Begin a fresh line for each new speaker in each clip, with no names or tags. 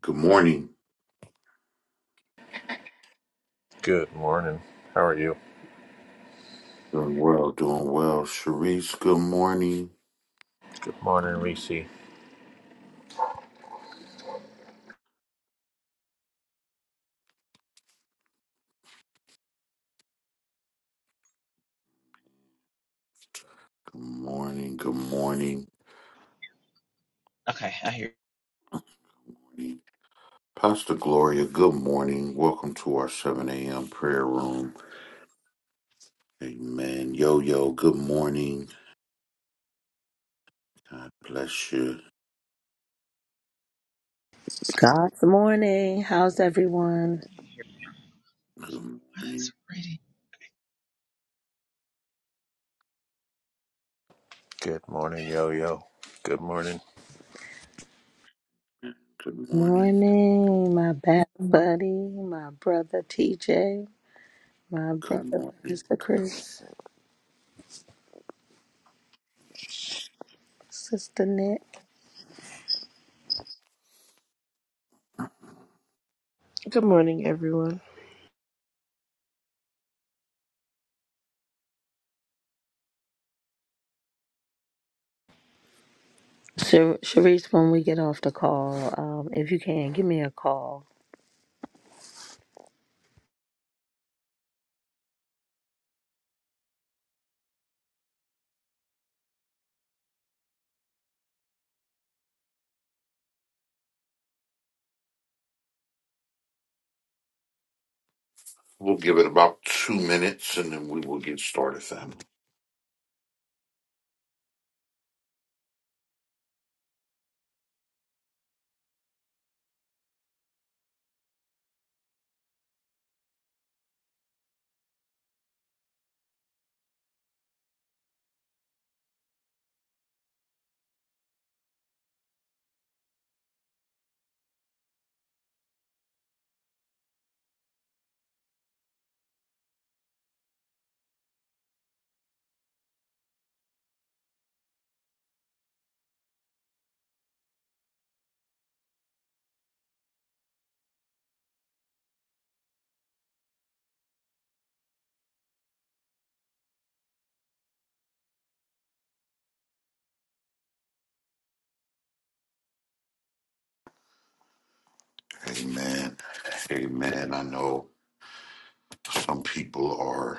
Good morning.
Good morning. How are you?
Doing well, doing well. Sharice, good morning.
Good morning, Reese.
Good morning, good morning. Pastor Gloria, good morning. Welcome to our 7 a.m. prayer room. Amen. Yo, yo, good morning. God bless you.
God's morning. How's everyone?
Good morning.
Good morning, Yo Yo. Good morning.
Good morning.
Morning, my bad buddy, my brother TJ, my
Good
brother
morning.
Mr. Chris, Sister Nick.
Good morning, everyone.
Sha- Sharice, when we get off the call, um, if you can, give me a call.
We'll give it about two minutes and then we will get started, family. Amen. Amen. I know some people are.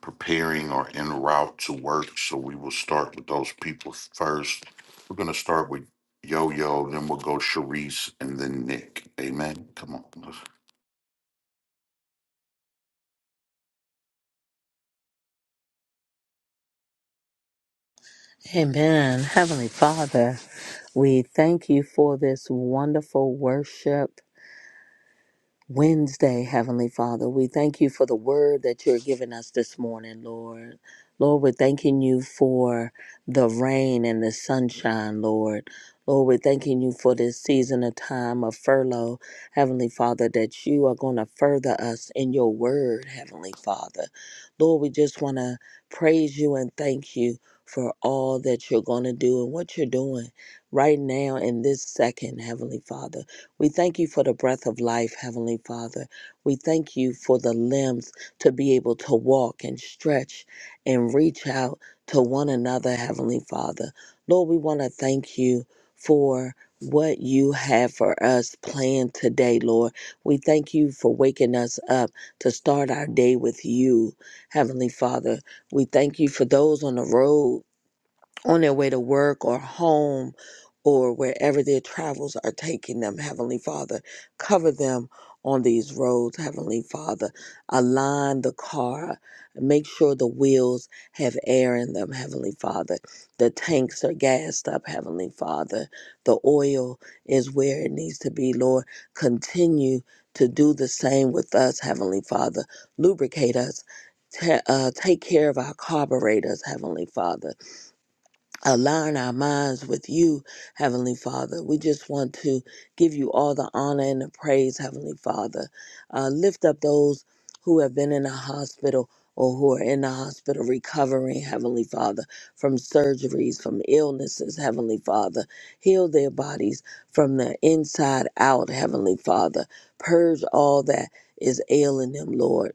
preparing or en route to work. So we will start with those people first. We're going to start with Yo Yo, then we'll go Sharice, and then Nick. Amen. Come on. let's-
Amen. Heavenly Father, we thank you for this wonderful worship. Wednesday, Heavenly Father. We thank you for the word that you're giving us this morning, Lord. Lord, we're thanking you for the rain and the sunshine, Lord. Lord, we're thanking you for this season of time of furlough, Heavenly Father, that you are going to further us in your word, Heavenly Father. Lord, we just want to praise you and thank you for all that you're going to do and what you're doing right now in this second, Heavenly Father. We thank you for the breath of life, Heavenly Father. We thank you for the limbs to be able to walk and stretch and reach out to one another, Heavenly Father. Lord, we want to thank you for what you have for us planned today, Lord. We thank you for waking us up to start our day with you, Heavenly Father. We thank you for those on the road on their way to work or home or wherever their travels are taking them, Heavenly Father. Cover them on these roads, Heavenly Father. Align the car. Make sure the wheels have air in them, Heavenly Father. The tanks are gassed up, Heavenly Father. The oil is where it needs to be, Lord. Continue to do the same with us, Heavenly Father. Lubricate us. Ta- uh, take care of our carburetors, Heavenly Father align our minds with you, Heavenly Father. We just want to give you all the honor and the praise, Heavenly Father. Uh, lift up those who have been in the hospital or who are in the hospital recovering, Heavenly Father, from surgeries, from illnesses, Heavenly Father. Heal their bodies from the inside out, Heavenly Father. Purge all that is ailing them, Lord.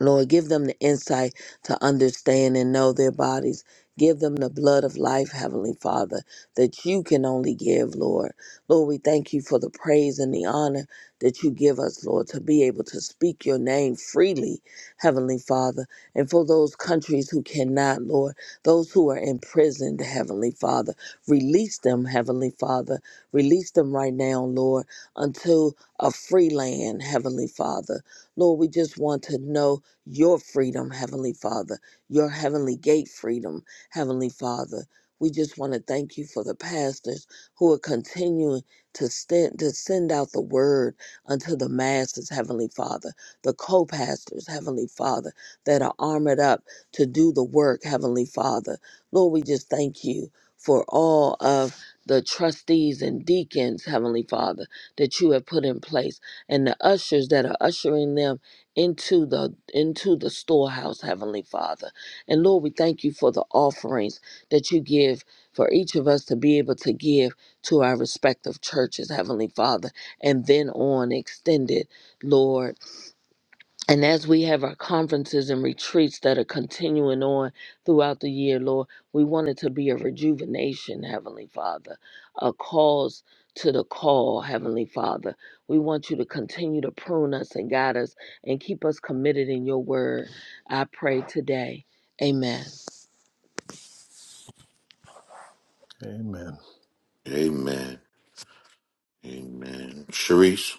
Lord, give them the insight to understand and know their bodies. Give them the blood of life, Heavenly Father, that you can only give, Lord. Lord, we thank you for the praise and the honor that you give us, Lord, to be able to speak your name freely, Heavenly Father. And for those countries who cannot, Lord, those who are imprisoned, Heavenly Father, release them, Heavenly Father. Release them right now, Lord, unto a free land, Heavenly Father. Lord, we just want to know your freedom, Heavenly Father, your Heavenly Gate freedom, Heavenly Father. We just want to thank you for the pastors who are continuing to, stand, to send out the word unto the masses, Heavenly Father, the co pastors, Heavenly Father, that are armored up to do the work, Heavenly Father. Lord, we just thank you for all of the trustees and deacons, Heavenly Father, that you have put in place, and the ushers that are ushering them into the into the storehouse, Heavenly Father. And Lord, we thank you for the offerings that you give for each of us to be able to give to our respective churches, Heavenly Father, and then on extended, Lord. And as we have our conferences and retreats that are continuing on throughout the year, Lord, we want it to be a rejuvenation, Heavenly Father, a cause to the call, Heavenly Father. We want you to continue to prune us and guide us and keep us committed in your word. I pray today. Amen.
Amen.
Amen. Amen. Sharice.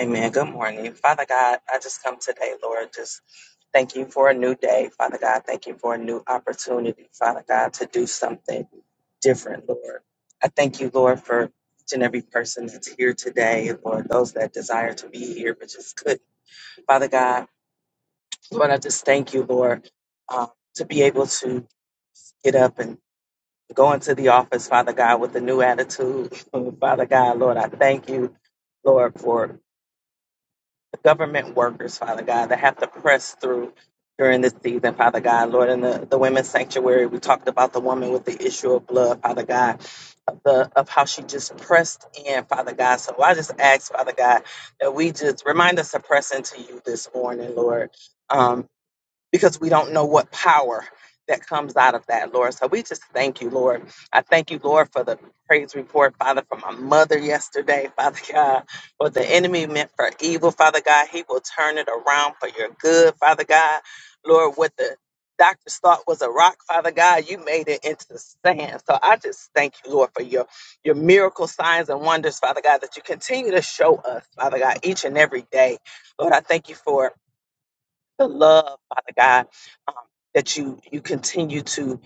Amen. Good morning. Father God, I just come today, Lord, just thank you for a new day. Father God, thank you for a new opportunity, Father God, to do something different, Lord. I thank you, Lord, for each and every person that's here today, Lord, those that desire to be here but just couldn't. Father God, Lord, I just thank you, Lord, uh, to be able to get up and go into the office, Father God, with a new attitude. Father God, Lord, I thank you, Lord, for government workers, Father God, that have to press through during this season, Father God, Lord, in the, the women's sanctuary, we talked about the woman with the issue of blood, Father God, of the of how she just pressed in, Father God. So I just ask, Father God, that we just remind us to press into you this morning, Lord. Um, because we don't know what power that comes out of that, Lord. So we just thank you, Lord. I thank you, Lord, for the praise report, Father, for my mother yesterday, Father God. What the enemy meant for evil, Father God, he will turn it around for your good, Father God. Lord, what the doctors thought was a rock, Father God, you made it into the sand. So I just thank you, Lord, for your your miracle signs and wonders, Father God, that you continue to show us, Father God, each and every day. Lord, I thank you for the love, Father God, um, that you you continue to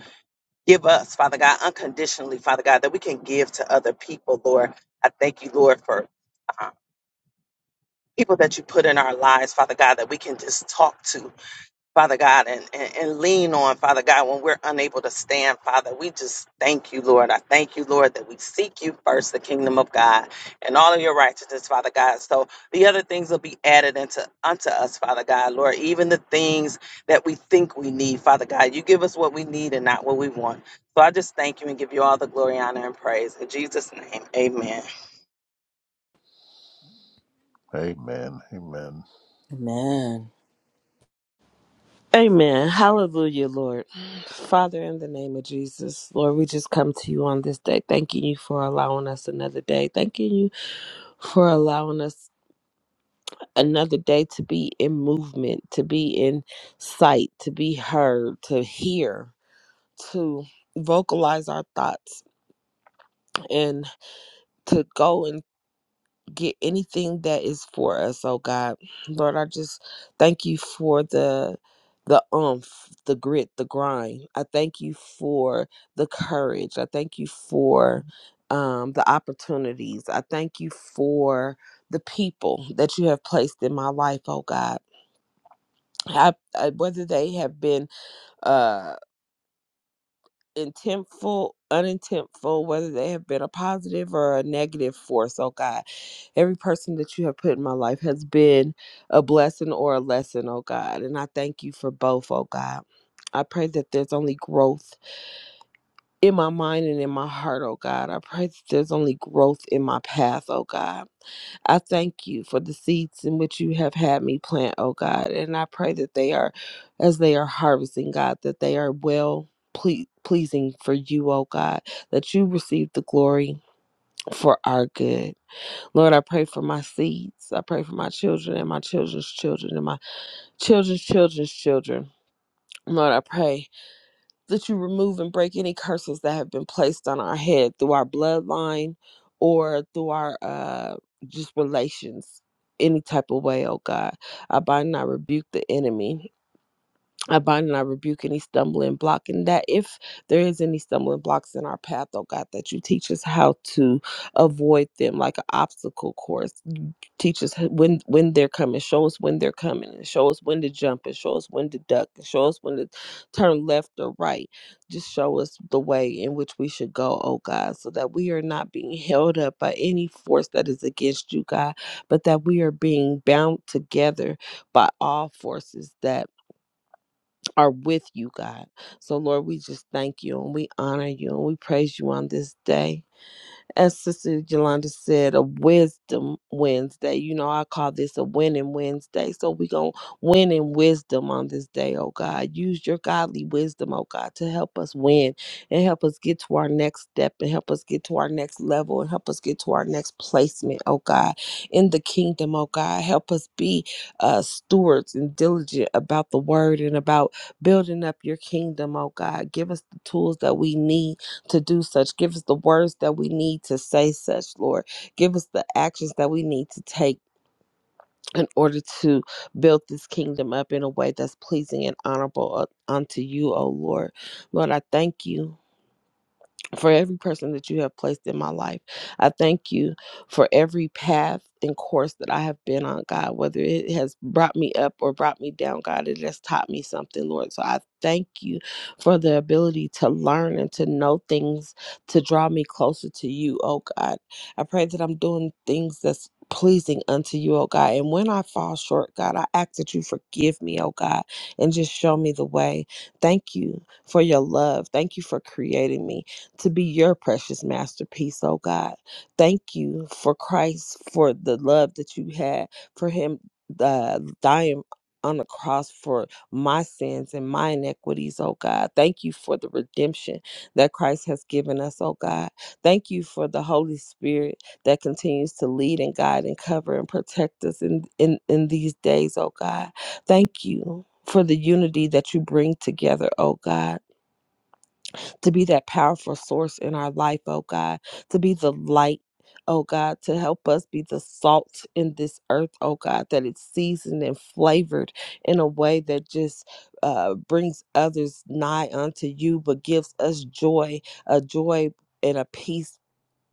give us, Father God, unconditionally, Father God, that we can give to other people, Lord. I thank you, Lord, for uh, people that you put in our lives, Father God, that we can just talk to, Father God, and, and, and lean on, Father God, when we're unable to stand, Father. We just thank you, Lord. I thank you, Lord, that we seek you first, the kingdom of God, and all of your righteousness, Father God. So the other things will be added into unto us, Father God, Lord. Even the things that we think we need, Father God. You give us what we need and not what we want. So I just thank you and give you all the glory, honor, and praise. In Jesus' name, amen.
Amen. Amen.
Amen.
Amen. Hallelujah, Lord. Father, in the name of Jesus, Lord, we just come to you on this day, thanking you for allowing us another day, thanking you for allowing us another day to be in movement, to be in sight, to be heard, to hear, to vocalize our thoughts, and to go and get anything that is for us, oh God. Lord, I just thank you for the the umph, the grit, the grind. I thank you for the courage. I thank you for um, the opportunities. I thank you for the people that you have placed in my life, oh God. I, I, whether they have been uh intentful, unintentful, whether they have been a positive or a negative force. Oh God, every person that you have put in my life has been a blessing or a lesson, oh God. And I thank you for both, oh God. I pray that there's only growth in my mind and in my heart, oh God. I pray that there's only growth in my path, oh God. I thank you for the seeds in which you have had me plant, oh God. And I pray that they are, as they are harvesting, God, that they are well ple- pleasing for you, oh God, that you receive the glory for our good. Lord, I pray for my seeds. I pray for my children and my children's children and my children's children's children. Lord, I pray that you remove and break any curses that have been placed on our head through our bloodline or through our uh just relations any type of way oh god i bind and i rebuke the enemy I bind and I rebuke any stumbling block, and that if there is any stumbling blocks in our path, oh God, that you teach us how to avoid them like an obstacle course. You Teach us h- when when they're coming, show us when they're coming, and show us when to jump, and show us when to duck, and show us when to turn left or right. Just show us the way in which we should go, oh God, so that we are not being held up by any force that is against you, God, but that we are being bound together by all forces that are with you, God. So, Lord, we just thank you and we honor you and we praise you on this day as Sister Yolanda said, a wisdom Wednesday. You know, I call this a winning Wednesday. So we're going to win in wisdom on this day, oh God. Use your godly wisdom, oh God, to help us win and help us get to our next step and help us get to our next level and help us get to our next placement, oh God, in the kingdom, oh God. Help us be uh, stewards and diligent about the word and about building up your kingdom, oh God. Give us the tools that we need to do such. Give us the words that we need to say such, Lord. Give us the actions that we need to take in order to build this kingdom up in a way that's pleasing and honorable uh, unto you, O Lord. Lord, I thank you for every person that you have placed in my life. I thank you for every path and course that I have been on, God, whether it has brought me up or brought me down, God, it has taught me something, Lord. So I thank you for the ability to learn and to know things to draw me closer to you, oh God. I pray that I'm doing things that's pleasing unto you, oh God. And when I fall short, God, I ask that you forgive me, oh God, and just show me the way. Thank you for your love. Thank you for creating me to be your precious masterpiece, oh God. Thank you for Christ, for the love that you had for him uh, dying on the cross for my sins and my inequities, oh God. Thank you for the redemption that Christ has given us, oh God. Thank you for the Holy Spirit that continues to lead and guide and cover and protect us in, in, in these days, oh God. Thank you. For the unity that you bring together, oh God to be that powerful source in our life, oh God, to be the light, oh God, to help us be the salt in this earth, oh God, that it's seasoned and flavored in a way that just uh, brings others nigh unto you, but gives us joy, a joy and a peace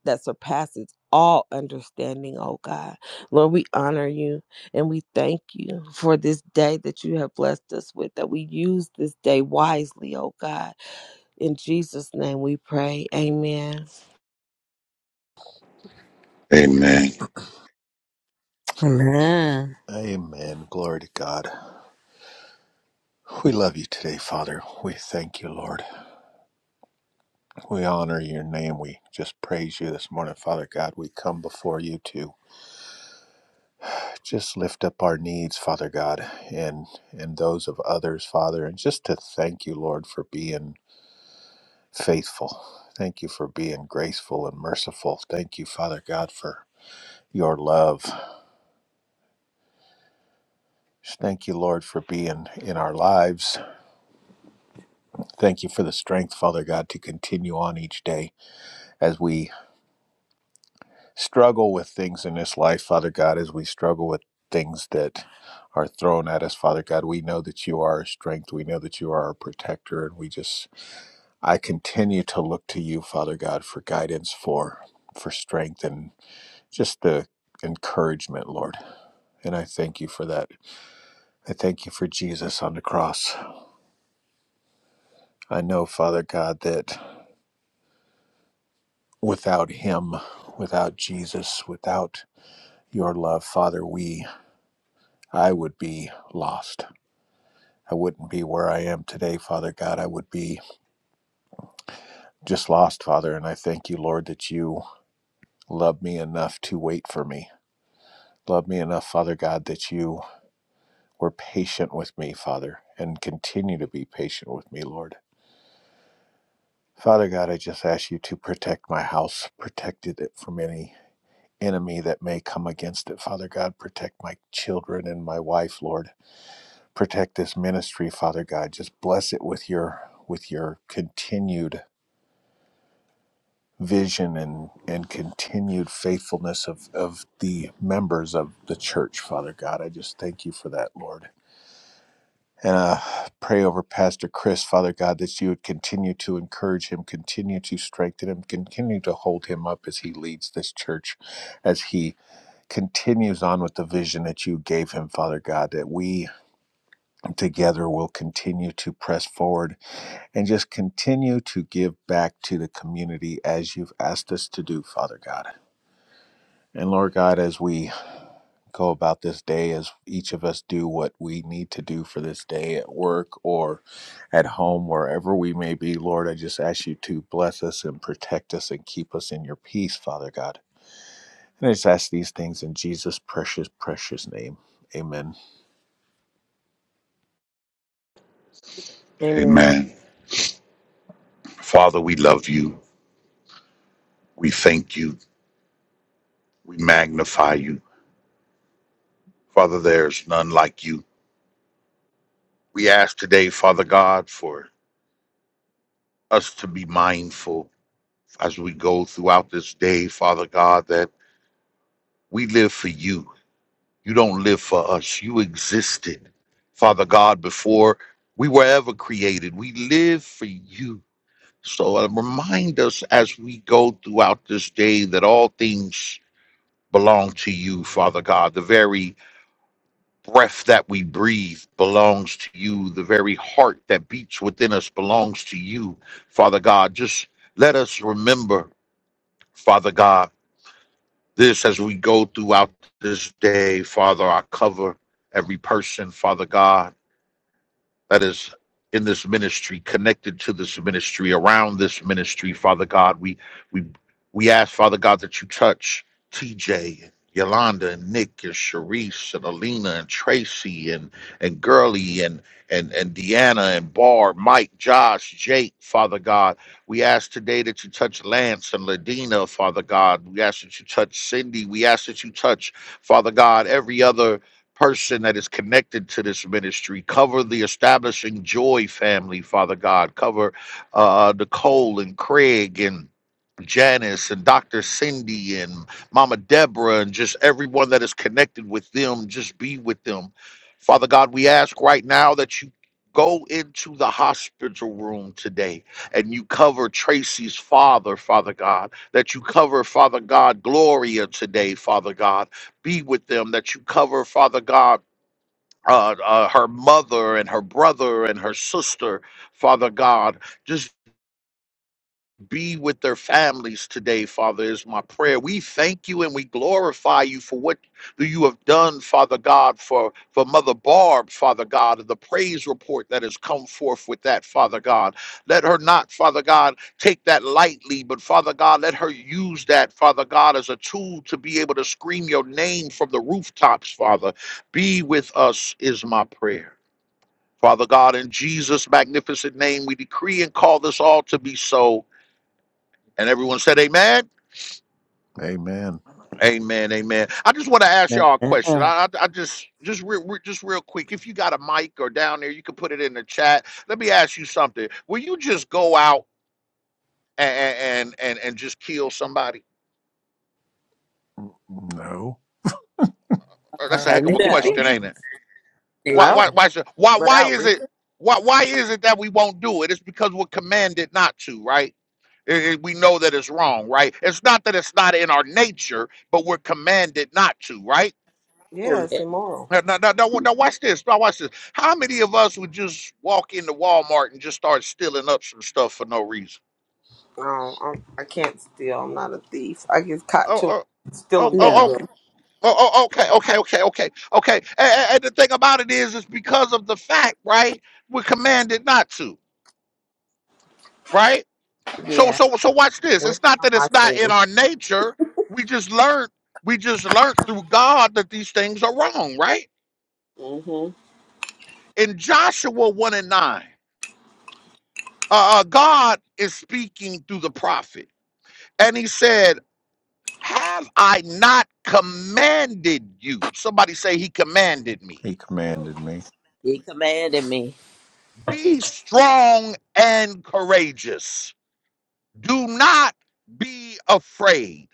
that surpasses all understanding, oh God. Lord, we honor you and we thank you for this day that you have blessed us with, that we use this day wisely, oh God in Jesus' name we pray. Amen.
Amen.
Amen.
Amen. Glory to God. We love you today, Father. We thank you, Lord. We honor your name. We just praise you this morning, Father God. We come before you to just lift up our needs, Father God, and and those of others, Father, and just to thank you, Lord, for being faithful. Thank you for being graceful and merciful. Thank you, Father God, for your love. Thank you, Lord, for being in our lives. Thank you for the strength, Father God, to continue on each day as we struggle with things in this life, Father God, as we struggle with things that are thrown at us, Father God. We know that you are our strength. We know that you are our protector. And we just, I continue to look to you, Father God, for guidance, for for strength and just the encouragement, Lord. And I thank you for that. I thank you for Jesus on the cross. I know, Father God, that without Him, without Jesus, without your love, Father, we, I would be lost. I wouldn't be where I am today, Father God. I would be just lost, Father. And I thank you, Lord, that you love me enough to wait for me. Love me enough, Father God, that you were patient with me, Father, and continue to be patient with me, Lord. Father God, I just ask you to protect my house, protect it from any enemy that may come against it. Father God, protect my children and my wife, Lord. Protect this ministry, Father God. Just bless it with your with your continued vision and and continued faithfulness of of the members of the church, Father God. I just thank you for that, Lord. And uh, pray over Pastor Chris, Father God, that you would continue to encourage him, continue to strengthen him, continue to hold him up as he leads this church, as he continues on with the vision that you gave him, Father God, that we together will continue to press forward and just continue to give back to the community as you've asked us to do, Father God. And Lord God, as we go about this day, as each of us do what we need to do for this day at work or at home, wherever we may be, Lord, I just ask you to bless us and protect us and keep us in your peace, Father God. And I just ask these things in Jesus' precious, precious name. Amen.
Amen.
Amen. Father, we love you. We thank you. We magnify you. Father, there's none like you. We ask today, Father God, for us to be mindful as we go throughout this day, Father God, that we live for you. You don't live for us. You existed, Father God, before we were ever created. We live for you. So uh, remind us as we go throughout this day that all things belong to you, Father God. The very breath that we breathe belongs to you. The very heart that beats within us belongs to you, Father God. Just let us remember, Father God. this as we go throughout this day, Father. I cover every person, Father God that is in this ministry, connected to this ministry, around this ministry, Father God. We we we ask, Father God, that you touch TJ, Yolanda, and Nick, and Sharice, and Alina, and Tracy, and and Gurley, and and and Deanna, and Barb, Mike, Josh, Jake, Father God. We ask today that you touch Lance and Ladina, Father God. We ask that you touch Cindy. We ask that you touch, Father God, every other person that is connected to this ministry. Cover the establishing joy family, Father God. Cover uh, Nicole and Craig and Janice and Dr. Cindy and Mama Deborah and just everyone that is connected with them. Just be with them. Father God, we ask right now that you go into the hospital room today and you cover Tracy's father, Father God, that you cover, Father God, Gloria today, Father God be with them, that you cover, Father God. Uh, uh, her mother and her brother and her sister, Father God be with their families today, Father, is my prayer. We thank you and we glorify you for what that you have done, Father God, for, for Mother Barb, Father God, and the praise report that has come forth with that, Father God. Let her not, Father God, take that lightly, but Father God, let her use that, Father God, as a tool to be able to scream your name from the rooftops, Father. Be with us, is my prayer. Father God, in Jesus' magnificent name, we decree and call this all to be so. And everyone said, "Amen,
Amen.
amen, amen." I just want to ask y'all a
Amen.
question. I,
Uh,
I, I just, just, real, re- just real quick. If you got a mic or down there, you can put it in the chat. Let me ask you something. Will you just go out and and and, and just kill somebody?
No,
Uh, That's a heck of a
no.
question, ain't it? Why, why,
No,
why, should, why, why
without
is it?
reason.
Why, why is it that we won't do it? It's because we're commanded not to, right? It- it- we know that it's wrong, right? It's not that it's not in our nature, but we're commanded not to, right?
Yeah, it's immoral.
Now, now, now, now, now watch this. Now watch this. How many of us would just walk into Walmart and just start stealing up some stuff for no reason?
No, I'm, I can't steal. I'm not a thief. I get caught
Oh,
too
oh, oh,
stealing
oh,
No.
okay.
bubblegum.
Oh, oh, okay, okay, okay, okay, okay. And, and and the thing about it is, it's because of the fact, right? We're commanded not to, right? So,
Yeah.
so, so, watch this.
that's
It's not
not
that
my
it's not in
sin.
our nature. We just learned. We just learned through God that these things are wrong, right?
hmm
In Joshua one and nine, uh, uh, God is speaking through the prophet And he said, Have I not commanded you? Somebody say, He commanded me.
he commanded me.
He commanded me.
Be strong and courageous. Do not be afraid.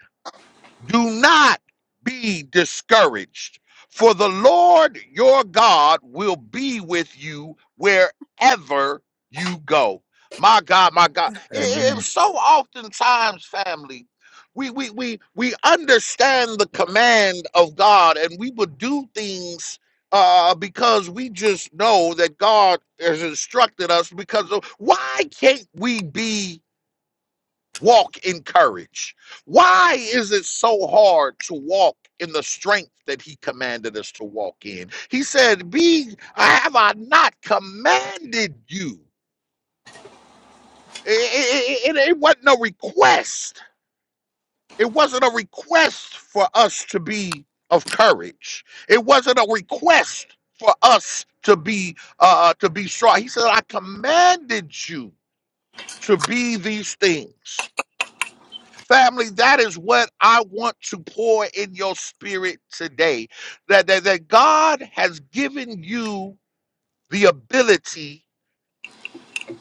Do not be discouraged, for the Lord your God will be with you wherever you go. My God, my God. It, it,
Amen.
so oftentimes, family, we, we, we, we understand the command of God and we would do things uh, because we just know that God has instructed us because of why can't we be walk in courage. Why is it so hard to walk in the strength that he commanded us to walk in? He said, Be have I not commanded you? It, it, it it wasn't a request. It wasn't a request for us to be of courage. It wasn't a request for us to be uh to be strong. He said, I commanded you to be these things. Family, that is what I want to pour in your spirit today. That, that, that God has given you the ability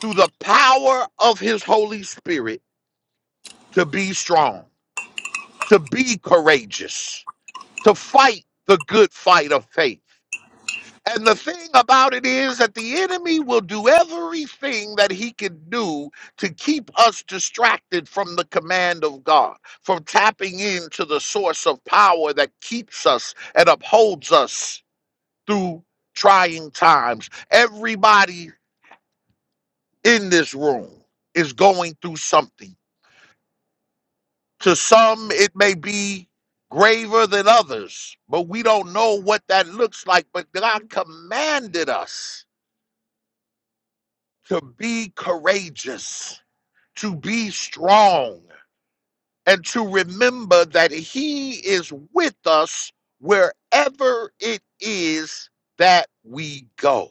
through the power of his Holy Spirit to be strong, to be courageous, to fight the good fight of faith. And the thing about it is that the enemy will do everything that he can do to keep us distracted from the command of God, from tapping into the source of power that keeps us and upholds us through trying times. Everybody in this room is going through something. To some, it may be graver than others, but we don't know what that looks like. But God commanded us to be courageous, to be strong, and to remember that He is with us wherever it is that we go.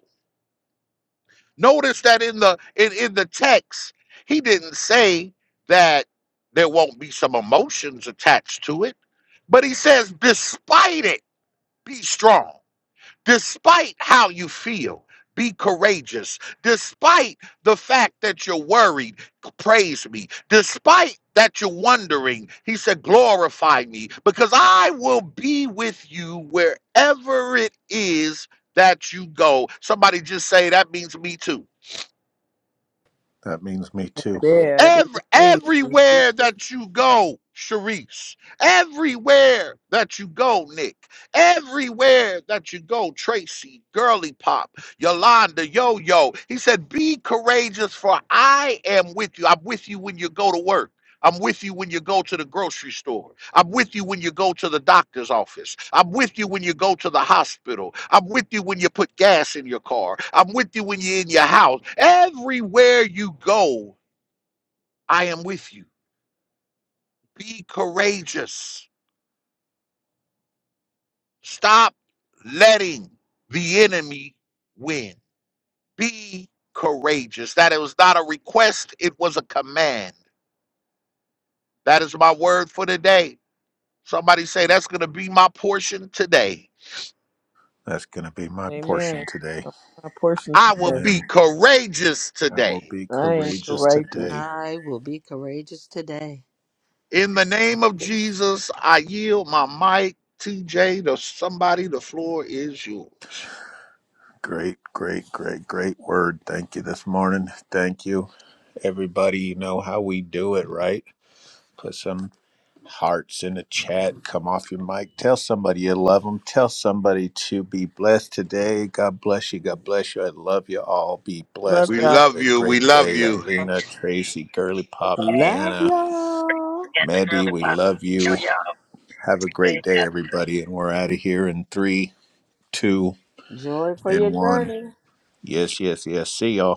Notice that in the in, in the text, he didn't say that there won't be some emotions attached to it, but he says, despite it, be strong. Despite how you feel, be courageous. Despite the fact that praise me. despite that you're wondering, he said, glorify me because I will be with you wherever it is that you go. Somebody just say, that means me too.
That means me too.
Yeah, it is
Every,
me.
everywhere that you go, Sharice, everywhere that you go, Nick, everywhere that you go, Tracy, Girly Pop, Yolanda, Yo Yo, he said, Be courageous, for I am with you. I'm with you when you go to work. I'm with you when you go to the grocery store. I'm with you when you go to the doctor's office. I'm with you when you go to the hospital. I'm with you when you put gas in your car. I'm with you when you're in your house. Everywhere you go, I am with you. Be courageous. Stop letting the enemy win. Be courageous. That it was not a request, it was a command. That is my word for today. Somebody say that's going to be my portion today.
That's going to be my portion
Amen.
today.
I'm my portion
I will
today.
be
Amen.
courageous
I will
today.
be
I am
courageous
courageous.
today.
I will be courageous today.
In the name of Jesus, I yield my mic. TJ, to somebody, the floor is yours.
Great, great, great, great word. Thank you this morning. Thank you, everybody. You know how we do it, right? Put some hearts in the chat. Come off your mic. Tell somebody you love them. Tell somebody to be blessed today. God bless you. God bless you. I love you all. Be
Love
blessed
We
and
y'all.
have
love
a
you. We
great
love
day.
you.
Alina, Tracy, Girly Pop,
Love
Deanna,
y'all.
Maddie. we love you. Have a great
Amen.
day, everybody. And we're out of here in three, two,
Joy for your
and one.
journey.
Yes, yes, yes. See y'all.